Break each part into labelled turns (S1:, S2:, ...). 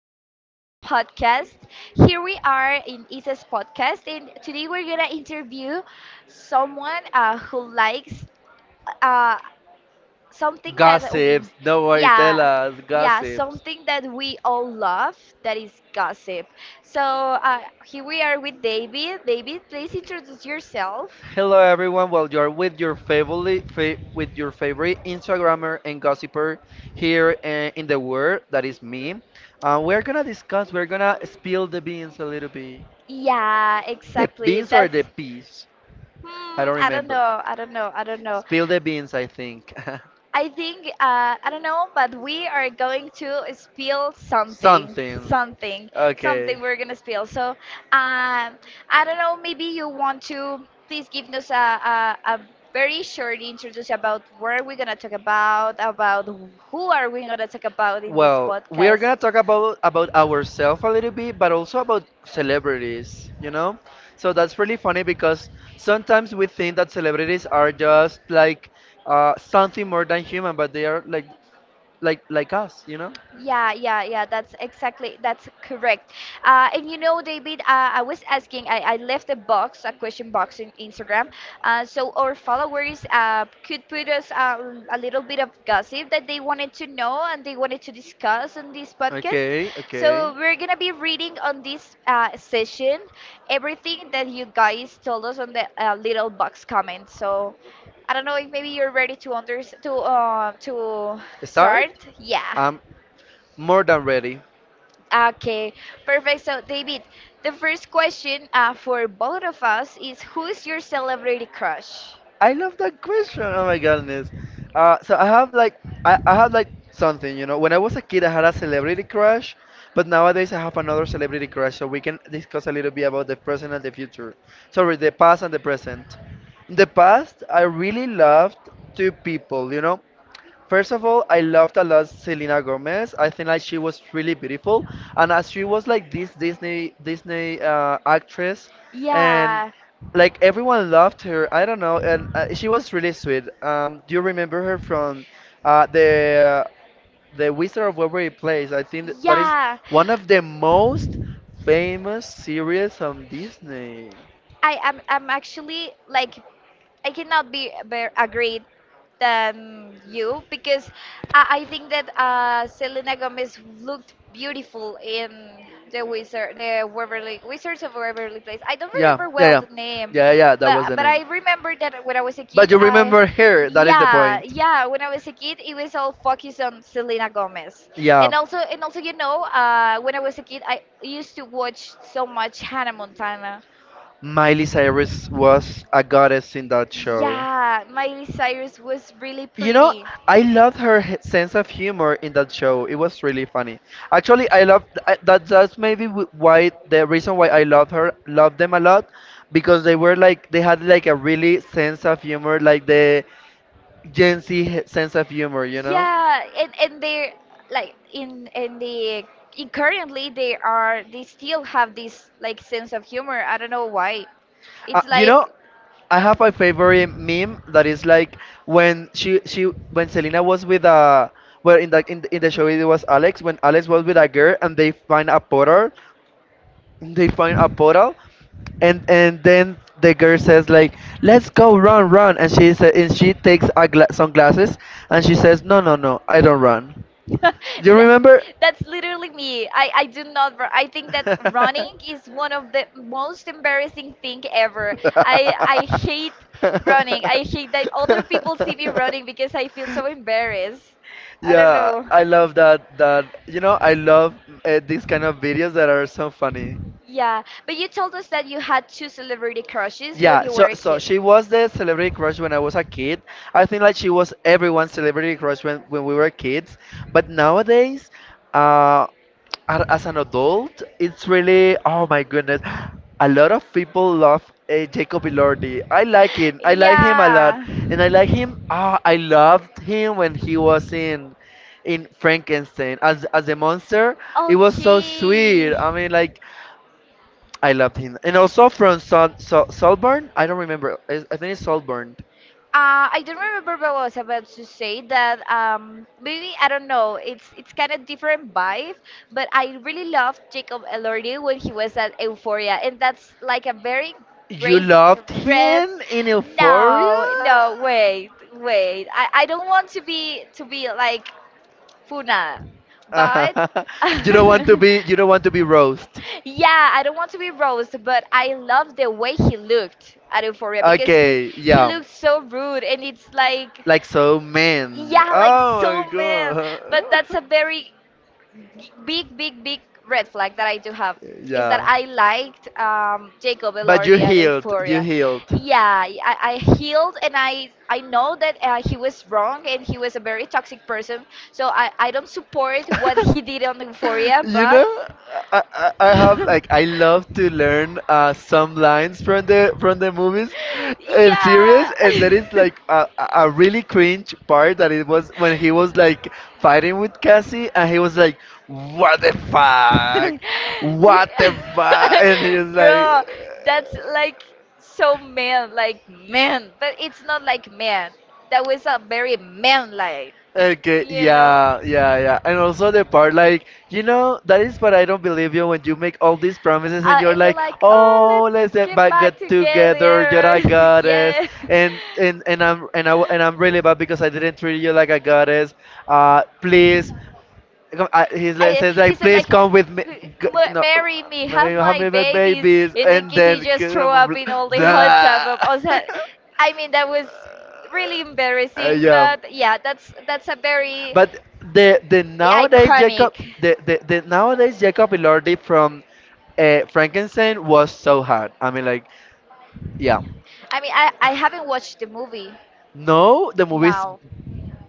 S1: favorite podcasts. Here we are in Isa's podcast, and today we're gonna interview someone who likes uh, something that,
S2: Gossips. Don't worry, tell
S1: yeah,
S2: us.
S1: yeah,
S2: Gossips.
S1: something that we all love that is gossip. So here we are with David. David, please introduce yourself.
S2: Hello everyone. Well, you're with your favorite with your favorite Instagrammer and gossiper here in the world. That is me. We're gonna discuss. We're gonna spill the beans a little bit.
S1: Yeah,
S2: The
S1: exactly.
S2: beans or the peas? I don't
S1: I don't
S2: remember.
S1: know, I don't know.
S2: Spill the beans, I think.
S1: I think I don't know, but we are going to spill
S2: Something.
S1: something, something.
S2: Okay.
S1: We're gonna spill. So I don't know. Maybe you want to please give us a very short introduction about where we're gonna talk about who are we gonna talk about in this
S2: Well, we are
S1: podcast.
S2: gonna talk about ourselves a little bit, but also about celebrities, you know? So that's really funny because sometimes we think that celebrities are just like something more than human, but they are like like us, you know?
S1: Yeah, that's exactly, that's correct. And you know, David, I was asking, I left a box, a question box in Instagram, so our followers could put us a little bit of gossip that they wanted to know and they wanted to discuss on this podcast.
S2: Okay, okay.
S1: So we're gonna be reading on this session everything that you guys told us on the little box comment. So I don't know if maybe you're ready to under to
S2: Start?
S1: start. Yeah.
S2: I'm more than ready.
S1: Okay, perfect. So, David, the first question for both of us is who's your celebrity crush?
S2: I love that question. Oh my goodness. So I have like I had like something, you know. When I was a kid, I had a celebrity crush, but nowadays I have another celebrity crush. So we can discuss a little bit about the present and the future. Sorry, the past and the present. In the past, I really loved two people, you know. First of all, I loved a lot Selena Gomez. I think like she was really beautiful, and as she was like this Disney actress, and
S1: Yeah,
S2: like everyone loved her. I don't know, and she was really sweet. Do you remember her from the Wizard of Waverly Place? I think that is
S1: yeah.
S2: one of the most famous series on Disney.
S1: I'm actually like I cannot be bear, agreed than you because I think that Selena Gomez looked beautiful in the Waverly Wizards of Waverly Place. I don't
S2: Yeah,
S1: remember
S2: yeah,
S1: well
S2: yeah,
S1: the name,
S2: yeah. That was
S1: but
S2: the name.
S1: I remember that when I was a
S2: But
S1: kid,
S2: you
S1: I
S2: remember her. That is the
S1: yeah
S2: point.
S1: yeah when I was a kid, it was all focused on Selena Gomez,
S2: Yeah.
S1: and also you know when I was a kid, I used to watch so much Hannah Montana.
S2: Miley Cyrus was a goddess in that show.
S1: Yeah, Miley Cyrus was really
S2: You know,
S1: pretty.
S2: I loved her sense of humor in that show. It was really funny. Actually, I love that. That's maybe why the reason why I love her, love them a lot, because they were like they had like a really sense of humor, like the Gen Z sense
S1: Yeah,
S2: of humor. You know?
S1: and they like in currently they are they still have this like sense of humor. I don't know why.
S2: Uh,
S1: It's
S2: you know,
S1: like
S2: I have my favorite meme that is like when she when Selena was with well in the in the show it was Alex when Alex was with a girl and they find a portal and then the girl says like let's go run and she said and she takes a sunglasses and she says no no I don't run you
S1: Li-
S2: remember?
S1: That's literally me. I do not. Ru- I think that running is one of the most embarrassing thing ever. I hate running. I hate that other people see me running because I feel so embarrassed. I don't
S2: Yeah,
S1: know.
S2: I love that you know, I love these kind of videos that are so funny.
S1: Yeah, but you told us that you had two celebrity crushes when
S2: Yeah,
S1: you
S2: so
S1: were a
S2: so
S1: kid.
S2: she was the celebrity crush when I was a kid. I think like she was everyone's celebrity crush when we were kids. But nowadays, uh, as an adult, it's really oh my goodness, a lot of people love Jacob Elordi. I like him. I like him a lot,
S1: Yeah.
S2: and I like him. Ah, I loved him when he was in Frankenstein as the monster. It was so
S1: Okay.
S2: sweet. I mean, like I loved him. And also from Solburn, I don't remember. I think it's Solburn.
S1: I don't remember what I was about to say that maybe I don't know it's kind of different vibe but I really loved Jacob Elordi when he was at Euphoria and that's like a very
S2: You
S1: great
S2: loved
S1: red
S2: him in Euphoria?
S1: no no wait wait I don't want to be like for But
S2: You don't want to be roast.
S1: yeah, I don't want to be roast, but I love the way he looked at Euphoria because
S2: Okay,
S1: he
S2: yeah.
S1: looked so rude and it's like
S2: Like so man.
S1: yeah, like
S2: Oh my
S1: so man. But that's
S2: god.
S1: a very big red flag that I do have is that
S2: Yeah.
S1: I liked Jacob
S2: But you
S1: Elordi at
S2: healed. You
S1: Euphoria.
S2: healed.
S1: Yeah, I healed and I know that he was wrong and he was a very toxic person. So I don't support what he did on Euphoria,
S2: You know,
S1: but.
S2: I I have like I love to learn some lines from the movies and series, and that is
S1: Yeah.
S2: like a a really cringe part that it was when he was like fighting with Cassie, and he was like, "What the fuck? What the fuck?" And he was like.
S1: Bro, that's like so man, like man, but it's not like man. That was a very man like,
S2: Okay, yeah. And also the part like, you know, that is what I don't believe you when you make all these promises and you're
S1: uh,
S2: like,
S1: like, oh, oh,
S2: oh, let's get back
S1: let's
S2: get
S1: together.
S2: together, you're a
S1: Oh
S2: goddess, and I'm and I'm really bad because I didn't treat you like a goddess. Please, I, he like,
S1: I,
S2: says
S1: he
S2: like,
S1: said
S2: please
S1: like,
S2: come with me.
S1: "M-
S2: No,
S1: marry me,
S2: may
S1: have
S2: you have
S1: my
S2: me my
S1: babies,
S2: babies,
S1: and then
S2: and
S1: Kitty
S2: then.
S1: just threw up in all the hot
S2: Blah.
S1: tub of us. I mean, that was really embarrassing,
S2: Yeah.
S1: but yeah, that's a very
S2: But
S1: iconic.
S2: the nowadays Jacob Elordi from Frankenstein was so hard. I mean like yeah.
S1: I mean, I haven't watched the movie
S2: No, the movie's
S1: now.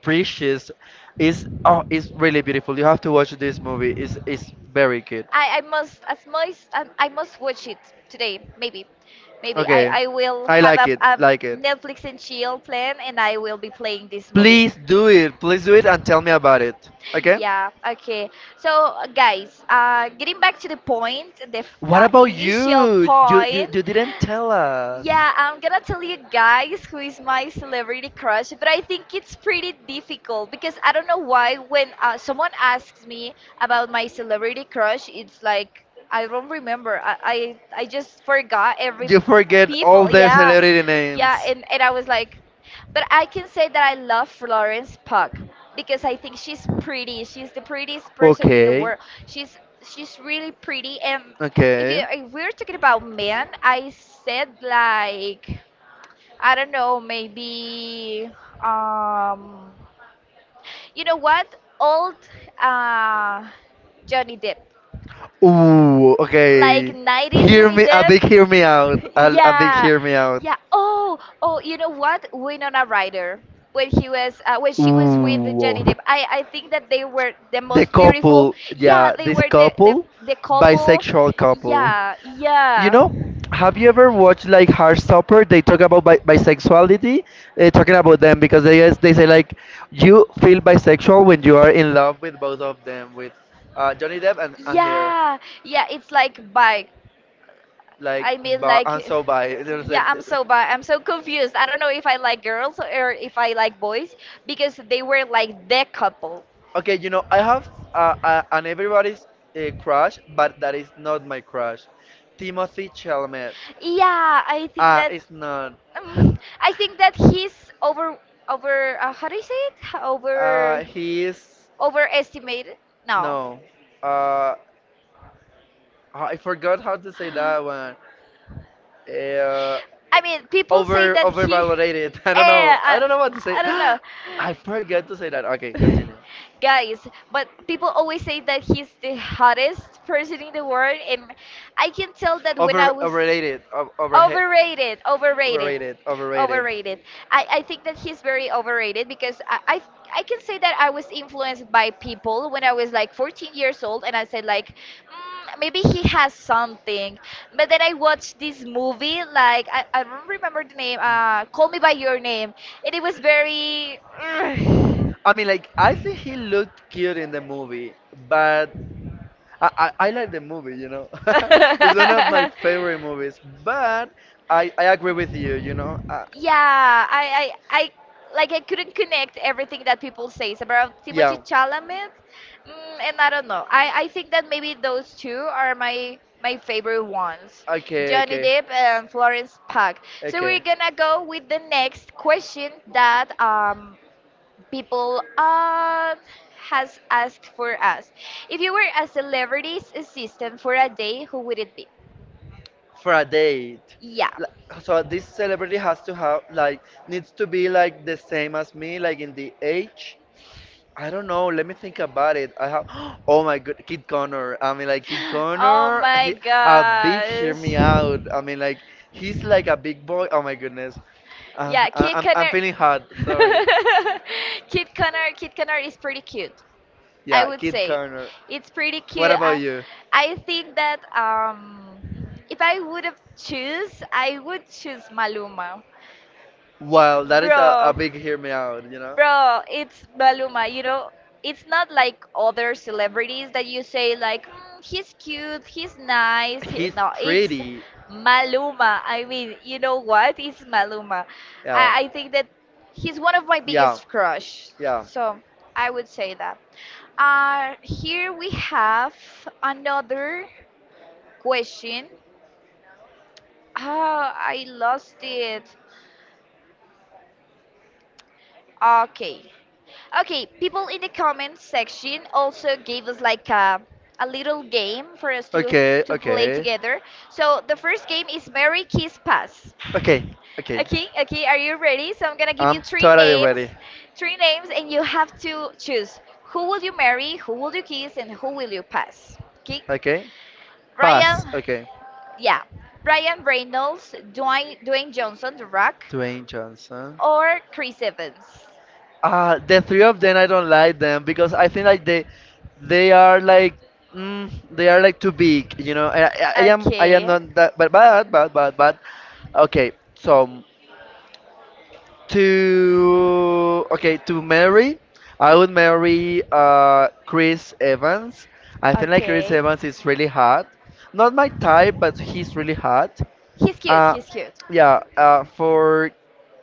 S2: precious. Is oh it's really beautiful. You have to watch this movie. It's very good.
S1: I must as much I must watch it today. Maybe
S2: Okay.
S1: I will
S2: I
S1: have
S2: like it.
S1: a
S2: Like it.
S1: Netflix and chill plan, and I will be playing this movie.
S2: Please do it. Please do it and tell me about it. Okay?
S1: Yeah. Okay. So guys, getting back to the point,
S2: What about
S1: initial
S2: you? You, you,
S1: point.
S2: you didn't tell us.
S1: Yeah, I'm gonna tell you guys who is my celebrity crush, but I think it's pretty difficult because I don't know why when someone asks me about my celebrity crush, it's like I don't remember. I just forgot every
S2: You forget all
S1: people.
S2: the
S1: Yeah,
S2: celebrity
S1: yeah,
S2: names.
S1: and I was like, but I can say that I love Florence Puck because I think she's pretty. She's the prettiest person in the
S2: Okay,
S1: world. She's really pretty and
S2: okay.
S1: if we're talking about men, I said like I don't know, maybe um, you know what? Old uh, Johnny Depp,
S2: Ooh,
S1: like
S2: okay.
S1: '90s
S2: Hear
S1: Johnny
S2: me, a
S1: Depp.
S2: big hear me out. A big
S1: Yeah,
S2: hear me out.
S1: yeah. Oh, oh. You know what? Winona Ryder when she was with
S2: Ooh.
S1: Johnny Depp. I think that they were the
S2: The
S1: most beautiful.
S2: couple,
S1: Yeah,
S2: yeah,
S1: they
S2: this
S1: were the
S2: couple,
S1: the couple.
S2: bisexual couple.
S1: Yeah,
S2: You
S1: yeah.
S2: know, have you ever watched like Heartstopper? They talk about bisexuality, talking about them because they guys they say like you feel bisexual when you are in love with both of them, with Johnny Depp and, her,
S1: Yeah, yeah, it's like bike.
S2: like,
S1: I mean,
S2: but
S1: like,
S2: I'm so bi. There's
S1: yeah, I'm so bad. I'm so confused. I don't know if I like girls or if I like boys because they were like the couple.
S2: Okay, you know, I have an everybody's crush, but that is not my crush. Timothy Chalamet.
S1: Yeah, I think
S2: Ah,
S1: that.
S2: it's not.
S1: I think that he's over. How do you say it? Over
S2: He is
S1: overestimated. No.
S2: no. Uh, I forgot how to say that one. Uh,
S1: I mean, people say
S2: over
S1: that he.
S2: overvalorated.
S1: Eh,
S2: I don't know. I don't know what to say.
S1: I don't know.
S2: I forget to say that. Okay, continue.
S1: Guys, but people always say that he's the hottest person in the world, and I can tell that when I
S2: Over
S1: was
S2: overrated. Over, overhe
S1: overrated, overrated,
S2: overrated. Overrated.
S1: overrated. I think that he's very overrated because I can say that I was influenced by people when I was like 14 years old, and I said like, mm, maybe he has something. But then I watched this movie, like I don't remember the name. Call Me by Your Name, and it was very.
S2: I mean, like I think he looked cute in the movie, but I I like the movie. You know, it's one of my
S1: Ugh.
S2: favorite movies. But I agree with you. You know,
S1: Yeah, I like I couldn't connect everything that people says about yeah. Timothy
S2: yeah.
S1: Chalamet, mm, and I don't know. I think that maybe those two are my favorite ones, okay.
S2: Okay,
S1: Johnny
S2: okay,
S1: Depp and Florence Pugh. So we're
S2: okay.
S1: gonna go with the next question that people has asked for us. If you were a celebrity's assistant for a day, who would it be?
S2: For a date.
S1: Yeah.
S2: Like, so this celebrity has to have like needs to be like the same as me, like in the age. I don't know. Let me think about it. I have. Oh my god, Kid Connor. I mean, like Kid
S1: Oh
S2: Connor.
S1: my
S2: He a big. Hear
S1: gosh.
S2: me out. I mean, like he's like a big boy. Oh my goodness. Uh,
S1: Yeah,
S2: I,
S1: Kid
S2: I'm I'm feeling hot.
S1: Connor.
S2: Sorry.
S1: Kid Connor is pretty cute. I
S2: Yeah,
S1: would
S2: Kid
S1: say
S2: Connor.
S1: it's pretty
S2: What
S1: cute.
S2: about you?
S1: I think that if I would have choose, I would choose Maluma.
S2: Well, that is a
S1: Bro,
S2: big hear me out, you know?
S1: bro, it's Maluma. You know, it's not like other celebrities that you say like "Mm, he's cute, he's nice. He-"
S2: He's
S1: No, it's
S2: pretty.
S1: Maluma. I mean, you know what? It's Maluma.
S2: Yeah.
S1: I think that he's one of my
S2: Yeah.
S1: biggest crush.
S2: Yeah.
S1: So I would say that. Here we have another question. Ah, I lost it. Okay. Okay, people in the comment section also gave us like a little game for us
S2: Okay,
S1: to play
S2: okay.
S1: together. So the first game is Mary Kiss Pass.
S2: Okay, okay.
S1: Okay, okay, are you ready? So I'm gonna give you
S2: I'm totally ready.
S1: three names, and you have to choose who will you marry, who will you kiss, and who will you pass. Okay,
S2: Okay. Pass.
S1: Ryan,
S2: Okay.
S1: yeah, Ryan Reynolds, Dwayne Johnson, The Rock,
S2: Dwayne Johnson.
S1: or Chris Evans.
S2: The three of them, I don't like them because I think like they are like, mm, they are like too big, you know. I am, I am
S1: Okay,
S2: not that, but but, okay. So to okay to marry, I would marry Chris Evans. I think like Chris
S1: okay.
S2: Evans is really hot. Not my type, but he's really hot.
S1: He's cute.
S2: Uh,
S1: He's cute.
S2: yeah, for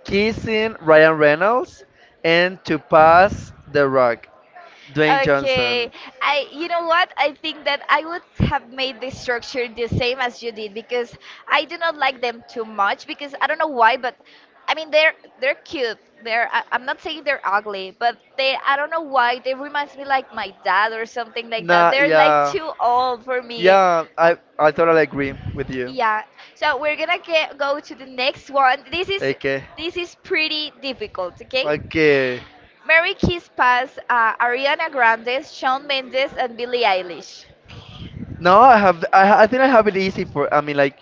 S2: kissing Ryan Reynolds and to pass the rock, Dwayne
S1: Okay.
S2: Johnson.
S1: I You know what? I think that I would have made the structure the same as you did because I do not like them too much because I don't know why, but I mean they're cute. They're I, I'm not saying they're ugly, but they I don't know why they reminds me like my dad or something like that.
S2: Nah,
S1: They're like
S2: yeah,
S1: too old for me.
S2: yeah, I totally agree with you.
S1: Yeah. So we're gonna go to the next one.
S2: Okay.
S1: This is pretty difficult, okay?
S2: Okay.
S1: Mary Kiss Pass, Ariana Grande, Shawn Mendes, and Billie Eilish.
S2: No, I have. I think I have it easy for. I mean, like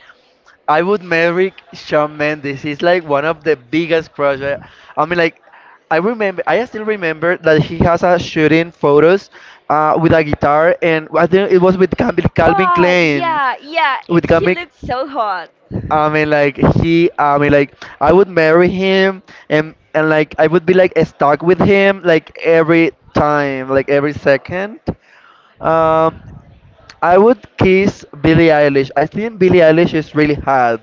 S2: I would marry Shawn Mendes. He's like one of the biggest crush. I mean, like I remember. I still remember that he has a shooting photos, with a guitar, and I think it was with Calvin
S1: Oh
S2: Klein.
S1: yeah, yeah. It
S2: With
S1: he
S2: Calvin,
S1: looked so hot.
S2: I mean, like he. I mean, like I would marry him, and like I would be like stuck with him, like every time, like every second. Um, I would kiss Billie Eilish. I think Billie Eilish is really hot.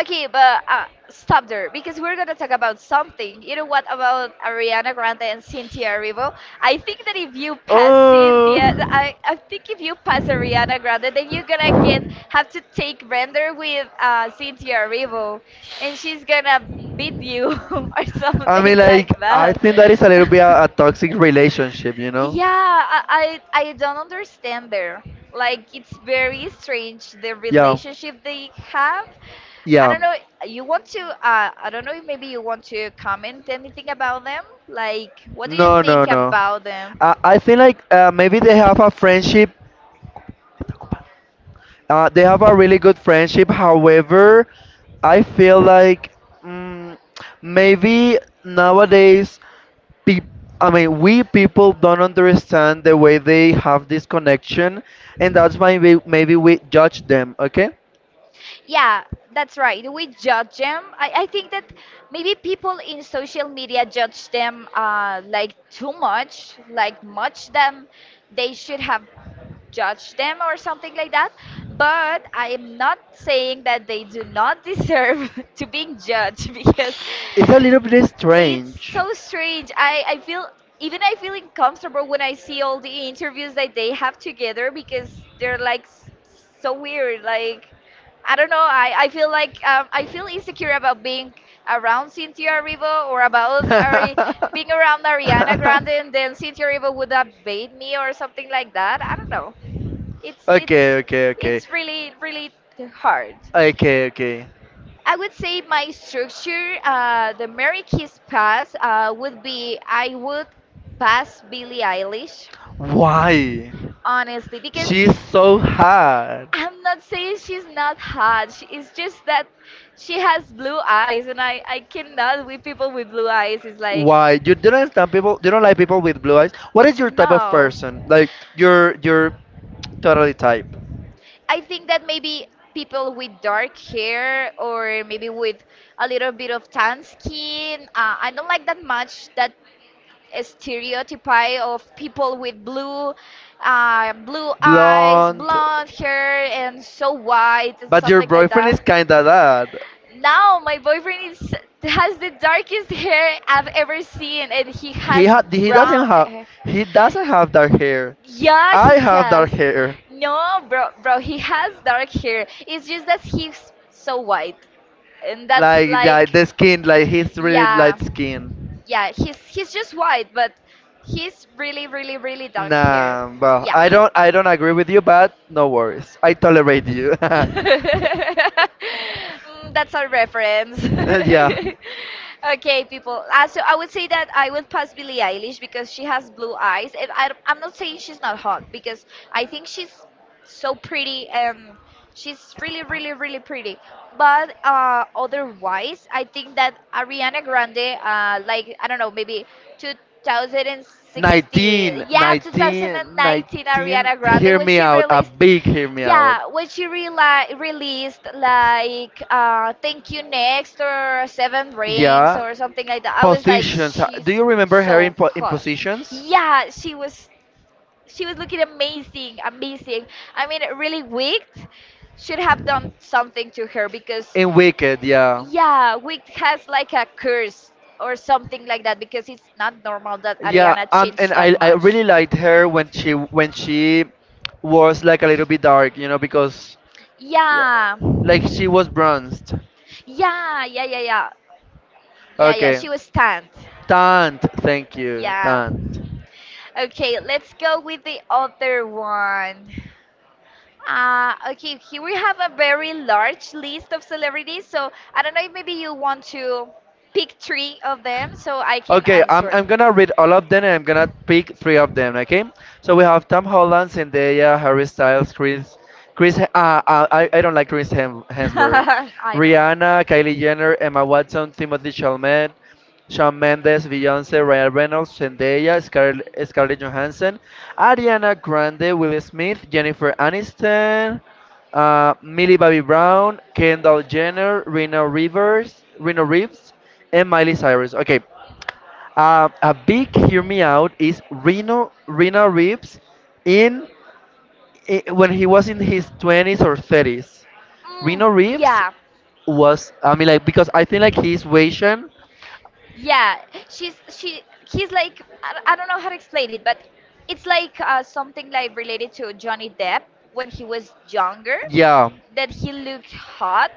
S1: Okay, but stop there because we're gonna talk about something. You know what about Ariana Grande and Cynthia Erivo? I think that if you pass Cynthia,
S2: Oh.
S1: I think if you pass Ariana Grande, then you're gonna get have to take render with Cynthia Erivo, and she's gonna beat you or
S2: I
S1: something
S2: mean,
S1: like
S2: like, I
S1: that.
S2: think that is a little bit a toxic relationship, you know?
S1: Yeah, I don't understand there. Like it's very strange the
S2: Yeah,
S1: relationship they have. I
S2: yeah.
S1: don't know. You want to? I don't know if maybe you want to comment anything about them. Like, what do you
S2: No,
S1: think
S2: no, no.
S1: about them?
S2: I think, like, maybe they have a friendship. They have a really good friendship. However, I feel like mm, maybe nowadays, peop I mean, we people don't understand the way they have this connection, and that's why maybe we judge them. Okay,
S1: Yeah, that's right. We judge them. I think that maybe people in social media judge them like too much, like much them. They should have judged them or something like that. But I am not saying that they do not deserve to being judged because
S2: it's a little bit
S1: it's
S2: strange.
S1: so strange. I feel even I feel uncomfortable when I see all the interviews that they have together because they're like s- so weird. Like I don't know. I feel like I feel insecure about being around Cynthia Erivo or about being around Ariana Grande and then Cynthia Erivo would debate me or something like that. I don't know. It's
S2: Okay,
S1: it's
S2: okay, okay.
S1: it's really hard.
S2: Okay, okay.
S1: I would say my structure, the Mary Kiss pass would be I would pass Billie Eilish,
S2: Why?
S1: honestly, because
S2: She's so hard?
S1: I'm not saying she's not hot. It's just that she has blue eyes, and I cannot with people with blue eyes. It's like,
S2: Why? You don't understand people. You don't like people with blue eyes. What is your type of
S1: no.
S2: person? Like your totally type.
S1: I think that maybe people with dark hair or maybe with a little bit of tan skin, I don't like that much that stereotype of people with blue eyes,
S2: Blonde.
S1: blonde hair, and so white and
S2: But your
S1: something like
S2: boyfriend
S1: that.
S2: is kinda that.
S1: Now my boyfriend is, has the darkest hair I've ever seen, and he has
S2: He doesn't
S1: brown
S2: have
S1: hair.
S2: dark hair.
S1: Yeah,
S2: I
S1: he
S2: have
S1: has.
S2: dark hair.
S1: No, bro, he has dark hair. It's just that he's so white, and that's
S2: Like yeah,
S1: like,
S2: the skin, like he's really
S1: yeah,
S2: light skin.
S1: yeah, he's just white, but he's really, really, really dark hair.
S2: Nah, well,
S1: Yeah.
S2: I don't agree with you, but no worries. I tolerate you.
S1: That's our reference.
S2: Yeah.
S1: Okay, people. So I would say that I would pass Billie Eilish because she has blue eyes, and I'm not saying she's not hot because I think she's so pretty and she's really, really, really pretty. But otherwise, I think that Ariana Grande, like I don't know, maybe 2016,
S2: 19,
S1: yeah,
S2: 19,
S1: 2019
S2: 19.
S1: Ariana Grande
S2: Hear
S1: when
S2: me
S1: she
S2: out. A
S1: released.
S2: big hear me out.
S1: Yeah, when she reali released like "Thank You Next" or Seven Rings
S2: Yeah.
S1: or something like that, I was like,
S2: Positions.
S1: she's
S2: Do you remember her in,
S1: so
S2: in
S1: hot.
S2: positions?
S1: Yeah, she was looking amazing, amazing. I mean, really wicked should have done something to her because
S2: In Wicked, yeah.
S1: yeah, wicked has like a curse or something like that because it's not normal that
S2: Yeah,
S1: Ariana
S2: and
S1: changed that
S2: I
S1: much.
S2: really liked her when she was like a little bit dark, you know, because yeah,
S1: Yeah.
S2: like she was bronzed.
S1: Yeah, yeah, yeah, yeah. Yeah, yeah,
S2: Okay.
S1: she was stunned.
S2: Tant, thank you,
S1: Yeah.
S2: tant.
S1: Okay, let's go with the other one. Okay, here we have a very large list of celebrities, so I don't know if maybe you want to pick three of them so I can
S2: Okay,
S1: answer.
S2: I'm gonna read all of them and I'm gonna pick three of them, okay? So we have Tom Holland, Zendaya, Harry Styles, Chris, I don't like Hemsworth,
S1: I don't know.
S2: Rihanna, Kylie Jenner, Emma Watson, Timothy Chalamet, Shawn Mendes, Beyonce, Ryan Reynolds, Zendaya, Scarlett Johansson, Ariana Grande, Will Smith, Jennifer Aniston, Millie Bobby Brown, Kendall Jenner, Reno Rivers, Reno Reeves, and Miley Cyrus. Okay, a big hear me out is Reno Reeves in, I when he was in his 20s or 30s.
S1: Mm,
S2: Reno Reeves
S1: yeah,
S2: was, I mean, because I think like he's Asian.
S1: yeah, she's she he's like I don't know how to explain it, but it's like something like related to Johnny Depp when he was younger
S2: Yeah,
S1: that he looked hot,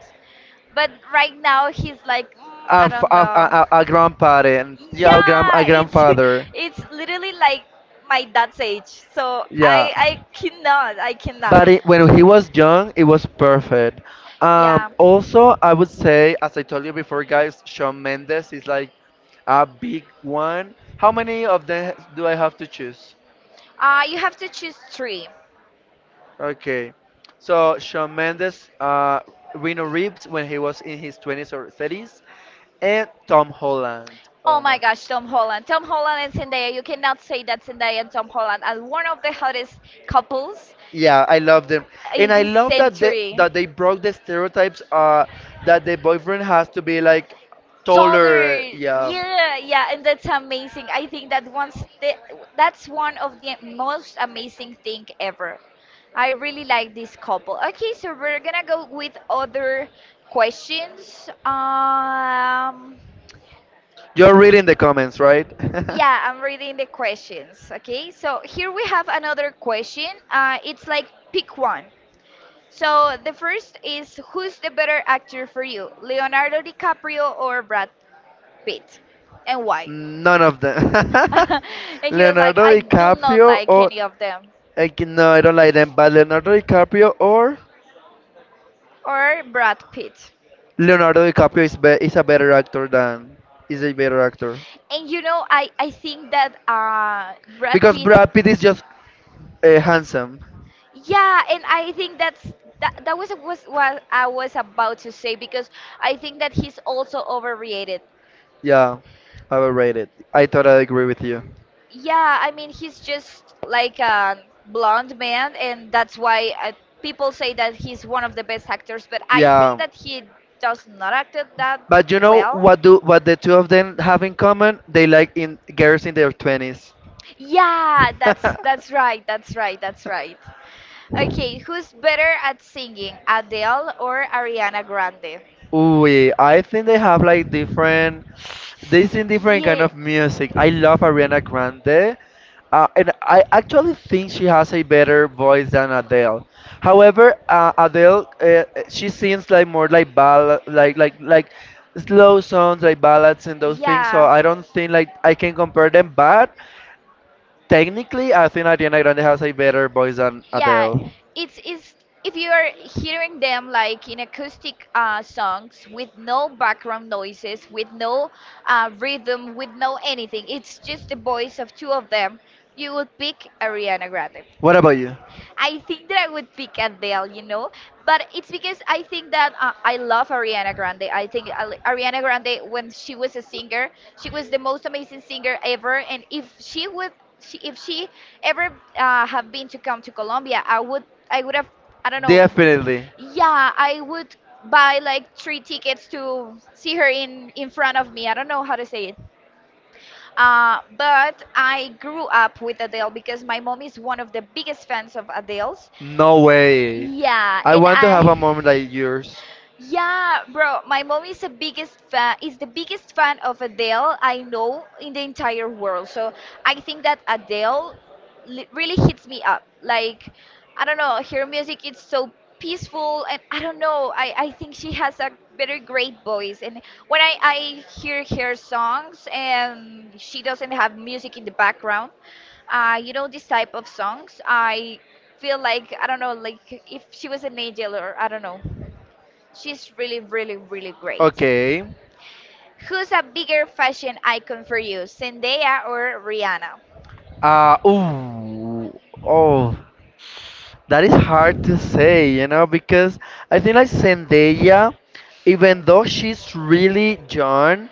S1: but right now he's like
S2: a,
S1: I
S2: f-
S1: don't
S2: a,
S1: know.
S2: a, a a grandparent, yeah, a
S1: Yeah, it's
S2: grandfather.
S1: it's literally like my dad's age. So
S2: Yeah.
S1: I cannot, I cannot.
S2: But when he was young, it was perfect.
S1: Yeah.
S2: Also, I would say, as I told you before, guys, Shawn Mendes is like a big one. How many of them do I have to choose?
S1: You have to choose three.
S2: Okay. So, Shawn Mendes, Reno Reeves when he was in his 20s or 30s, and Tom Holland.
S1: Oh
S2: Oh
S1: my
S2: my.
S1: gosh, Tom Holland. Tom Holland and Zendaya. You cannot say that Zendaya and Tom Holland are one of the hottest couples
S2: Yeah, I love them,
S1: in
S2: and I
S1: this
S2: love that they
S1: century.
S2: that they broke the stereotypes. That the boyfriend has to be like taller.
S1: Taller,
S2: Yeah,
S1: yeah, yeah, and that's amazing. I think that that's one of the most amazing thing ever. I really like this couple. Okay, so we're gonna go with other questions.
S2: you're reading the comments, right?
S1: Yeah, I'm reading the questions. Okay, so here we have another question. It's like pick one. So the first is, who's the better actor for you, Leonardo DiCaprio or Brad Pitt, and why?
S2: None of them.
S1: And he was like,
S2: Leonardo
S1: I do not
S2: DiCaprio
S1: like
S2: or
S1: any of them.
S2: no, I don't like them. But Leonardo DiCaprio or
S1: Or Brad Pitt.
S2: Leonardo DiCaprio is a better actor than is a better actor
S1: And you know, I think that Brad
S2: because
S1: Pitt,
S2: Brad Pitt is just handsome.
S1: yeah, and I think that's that was what I was about to say because I think that he's also overrated.
S2: Yeah, overrated. I totally agree with you.
S1: Yeah, I mean he's just like a blonde man, and that's why people say that he's one of the best actors. But I think
S2: Yeah,
S1: that he does not act that
S2: but you know
S1: well.
S2: what do what the two of them have in common? They like in girls in their twenties.
S1: Yeah, that's right. That's right. That's right. Okay, who's better at singing, Adele or Ariana Grande?
S2: Ooh, I think they have like different, they sing different kind
S1: Yeah.
S2: of music. I love Ariana Grande, and I actually think she has a better voice than Adele. However, Adele, she sings like more like ballad, like slow songs, like ballads and those things. So
S1: Yeah.
S2: I don't think like I can compare them. But technically, I think Ariana Grande has a better voice than
S1: Yeah,
S2: Adele.
S1: it's if you are hearing them like in acoustic songs with no background noises, with no rhythm, with no anything, it's just the voice of two of them, you would pick Ariana Grande.
S2: What about you?
S1: I think that I would pick Adele, you know, but it's because I think that I love Ariana Grande. I think Ariana Grande, when she was a singer, she was the most amazing singer ever. And if she would, she, if she ever have been to come to Colombia, I would have, I don't know,
S2: Definitely.
S1: yeah, I would buy like 3 tickets to see her in front of me. I don't know how to say it. But I grew up with Adele because my mom is one of the biggest fans of Adele's.
S2: No way.
S1: Yeah,
S2: I
S1: and
S2: want to have a
S1: I.
S2: moment like yours.
S1: Yeah, bro, my mom is the biggest fan, is the biggest fan of Adele I know in the entire world. So I think that Adele really hits me up. Like I don't know, her music is so peaceful and I don't know, I think she has a very great voice and when I hear her songs and she doesn't have music in the background, you know this type of songs, I feel like I don't know, like if she was an angel or I don't know. She's really, really, really great.
S2: Okay.
S1: Who's a bigger fashion icon for you, Zendaya or Rihanna?
S2: Ooh. Oh. That is hard to say, you know, because I think like Zendaya, even though she's really young,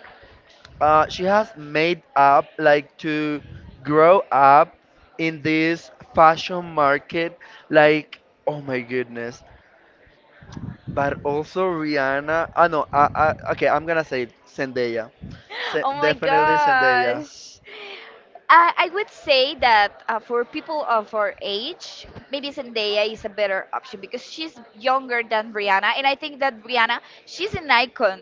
S2: she has made up like to grow up in this fashion market, like, oh my goodness. But also Rihanna, I know, I, okay, I'm gonna say it, Zendaya.
S1: Oh my
S2: Definitely Zendaya.
S1: gosh. I would say that for people of our age, maybe Zendaya is a better option because she's younger than Rihanna. And I think that Rihanna, she's an icon.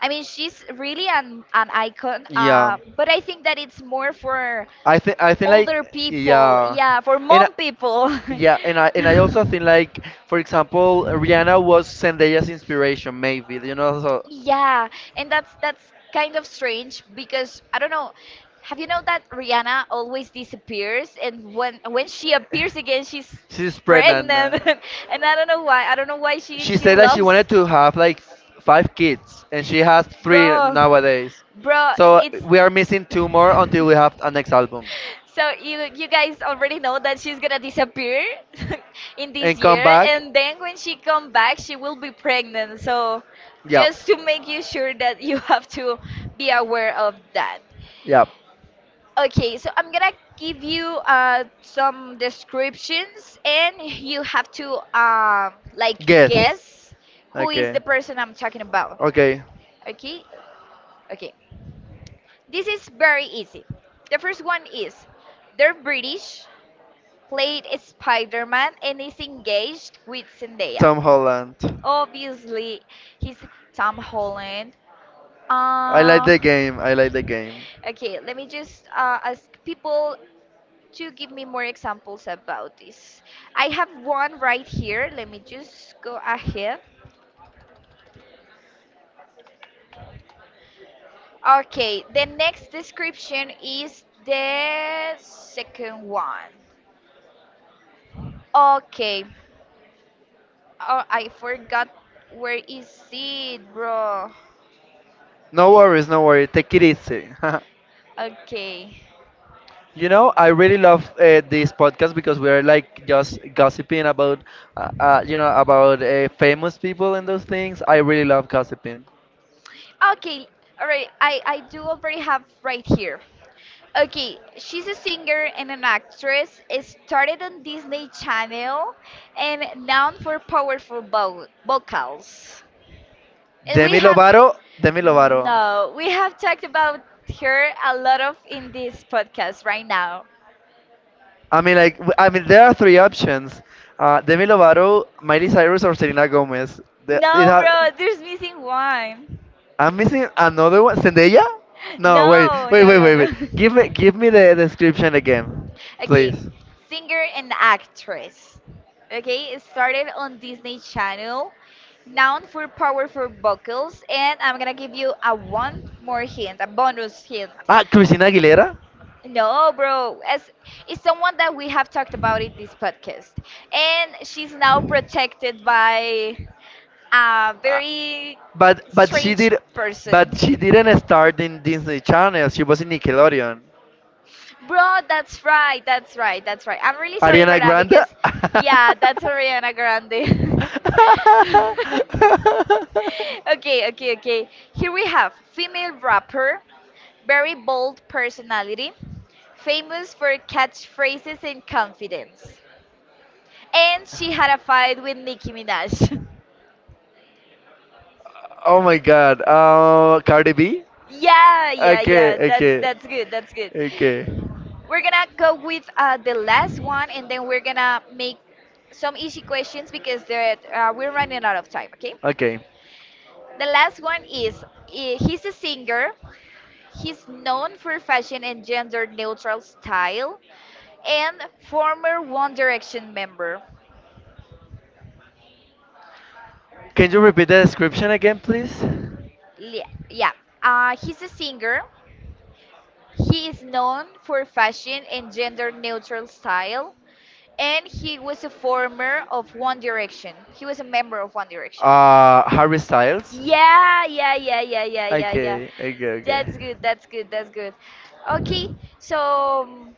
S1: I mean, she's really an icon.
S2: Yeah,
S1: But I think that it's more for
S2: I think like,
S1: older people.
S2: yeah,
S1: Yeah, for
S2: and I-
S1: mom people.
S2: yeah, and I also think like, for example, Rihanna was Zendaya's inspiration, maybe. You know, so
S1: Yeah, and that's kind of strange because I don't know. Have you know that Rihanna always disappears and when she appears again she's
S2: she's pregnant.
S1: pregnant and I don't know why. I don't know why she
S2: She
S1: she
S2: said that she
S1: loves.
S2: wanted to have like five kids, and she has three
S1: Bro.
S2: nowadays.
S1: Bro,
S2: So
S1: it's
S2: we are missing two more until we have our next album.
S1: so you guys already know that she's gonna disappear in this
S2: And come
S1: year,
S2: back.
S1: and then when she come back, she will be pregnant. So
S2: Yeah,
S1: just to make you sure that you have to be aware of that.
S2: yeah.
S1: Okay, so I'm gonna give you some descriptions, and you have to like guess
S2: Guess.
S1: guess who is
S2: Okay,
S1: the person I'm talking about.
S2: okay.
S1: Okay, okay. This is very easy. The first one is they're British, played Spider-Man and is engaged with Zendaya.
S2: Tom Holland.
S1: Obviously, he's Tom Holland.
S2: I like
S1: Uh,
S2: the game. I like the game.
S1: okay, let me just ask people to give me more examples about this. I have one right here. Let me just go ahead. Okay, the next description is the second one. Okay. Oh, I forgot where is it, bro.
S2: No worries, no worries. Take it easy.
S1: Okay.
S2: You know, I really love this podcast because we are like just gossiping about, you know, about famous people and those things. I really love gossiping.
S1: Okay, all right. I do already have right here. Okay, she's a singer and an actress. It started on Disney Channel and known for powerful vo vocals. And we
S2: Demi
S1: have
S2: Lovato, Demi Lovato.
S1: no, we have talked about her a lot of in this podcast right now.
S2: I mean, like, I mean, there are three options: Demi Lovato, Miley Cyrus, or Selena Gomez. The, it
S1: No,
S2: has,
S1: bro, there's missing one.
S2: I'm missing another one. Zendaya? No, wait,
S1: No,
S2: wait,
S1: no,
S2: wait,
S1: no,
S2: wait,
S1: no.
S2: wait. Give me the description again,
S1: Okay,
S2: please.
S1: singer and actress. Okay, it started on Disney Channel. Known for powerful vocals, and I'm gonna give you a one more hint, a bonus hint.
S2: Ah, Christina Aguilera.
S1: No, bro, as it's someone that we have talked about in this podcast, and she's now protected by a
S2: Uh,
S1: very
S2: but but she
S1: strange
S2: did, but
S1: person.
S2: she didn't start in Disney Channel. She was in Nickelodeon.
S1: Bro, that's right, that's right, that's right. I'm really sorry for
S2: Ariana
S1: that
S2: Grande.
S1: because, yeah, that's Ariana Grande. Okay, okay, okay. Here we have female rapper, very bold personality, famous for catchphrases and confidence. And she had a fight with Nicki Minaj.
S2: Oh my God. Cardi B.
S1: Yeah, yeah,
S2: Okay,
S1: yeah.
S2: okay,
S1: That's good. That's good.
S2: okay,
S1: We're gonna go with the last one, and then we're gonna make some easy questions because we're running out of time. Okay.
S2: okay.
S1: The last one is he's a singer. He's known for fashion and gender-neutral style, and former One Direction member.
S2: Can you repeat the description again, please?
S1: Yeah, he's a singer. He is known for fashion and gender-neutral style, and he was a former of One Direction. He was a member of One Direction.
S2: Harry Styles.
S1: Yeah, yeah, yeah, yeah, yeah, yeah, yeah.
S2: Okay, okay, okay.
S1: That's good. That's good. That's good. Okay, so um,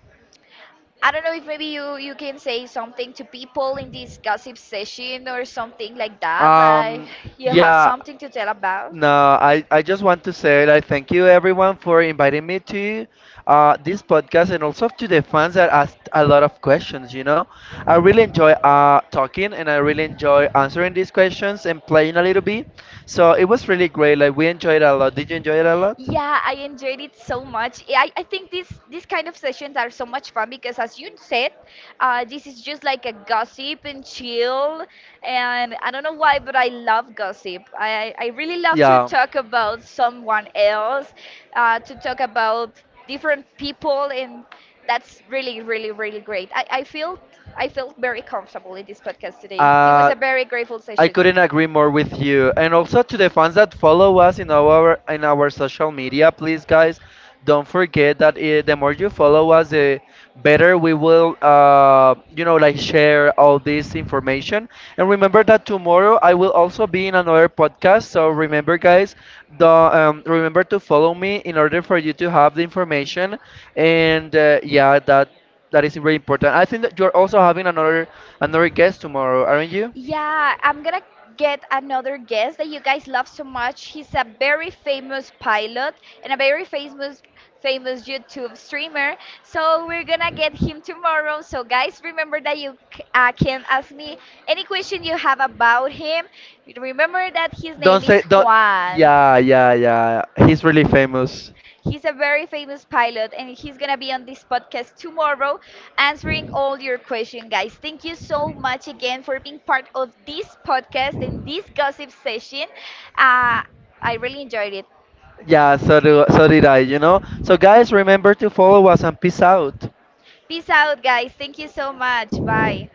S1: I don't know if maybe you you can say something to people in this gossip session or something like that. Like
S2: Um,
S1: you have
S2: yeah,
S1: something to tell about.
S2: no, I just want to say like thank you everyone for inviting me to this podcast and also to the fans that asked a lot of questions, you know. I really enjoy talking and I really enjoy answering these questions and playing a little bit. So it was really great. Like we enjoyed it a lot. Did you enjoy it a lot?
S1: Yeah, I enjoyed it so much. Yeah, I think these kind of sessions are so much fun because, as you said, this is just like a gossip and chill. And I don't know why, but I love gossip. I really love to talk about someone else, to talk about different people, and that's really, really, really great. I feel I felt very comfortable in this podcast today. It was a very grateful
S2: I
S1: session.
S2: couldn't agree more with you. And also to the fans that follow us in our social media, please guys, don't forget that the more you follow us, the better we will, you know, like share all this information. And remember that tomorrow I will also be in another podcast. So remember, guys, the remember to follow me in order for you to have the information. And yeah, that is very important. I think that you're also having another guest tomorrow, aren't you?
S1: Yeah, I'm gonna get another guest that you guys love so much. He's a very famous pilot and a very famous YouTube streamer. So we're gonna get him tomorrow. So guys, remember that can ask me any question you have about him. Remember that his
S2: Don't
S1: name is
S2: say don't.
S1: Juan.
S2: Yeah, yeah, yeah. He's really famous.
S1: He's a very famous pilot, and he's gonna be on this podcast tomorrow answering all your questions, guys. Thank you so much again for being part of this podcast and this gossip session. Uh, I really enjoyed it.
S2: Yeah, so did I. You know. So guys, remember to follow us and peace out.
S1: Peace out, guys. Thank you so much. Bye.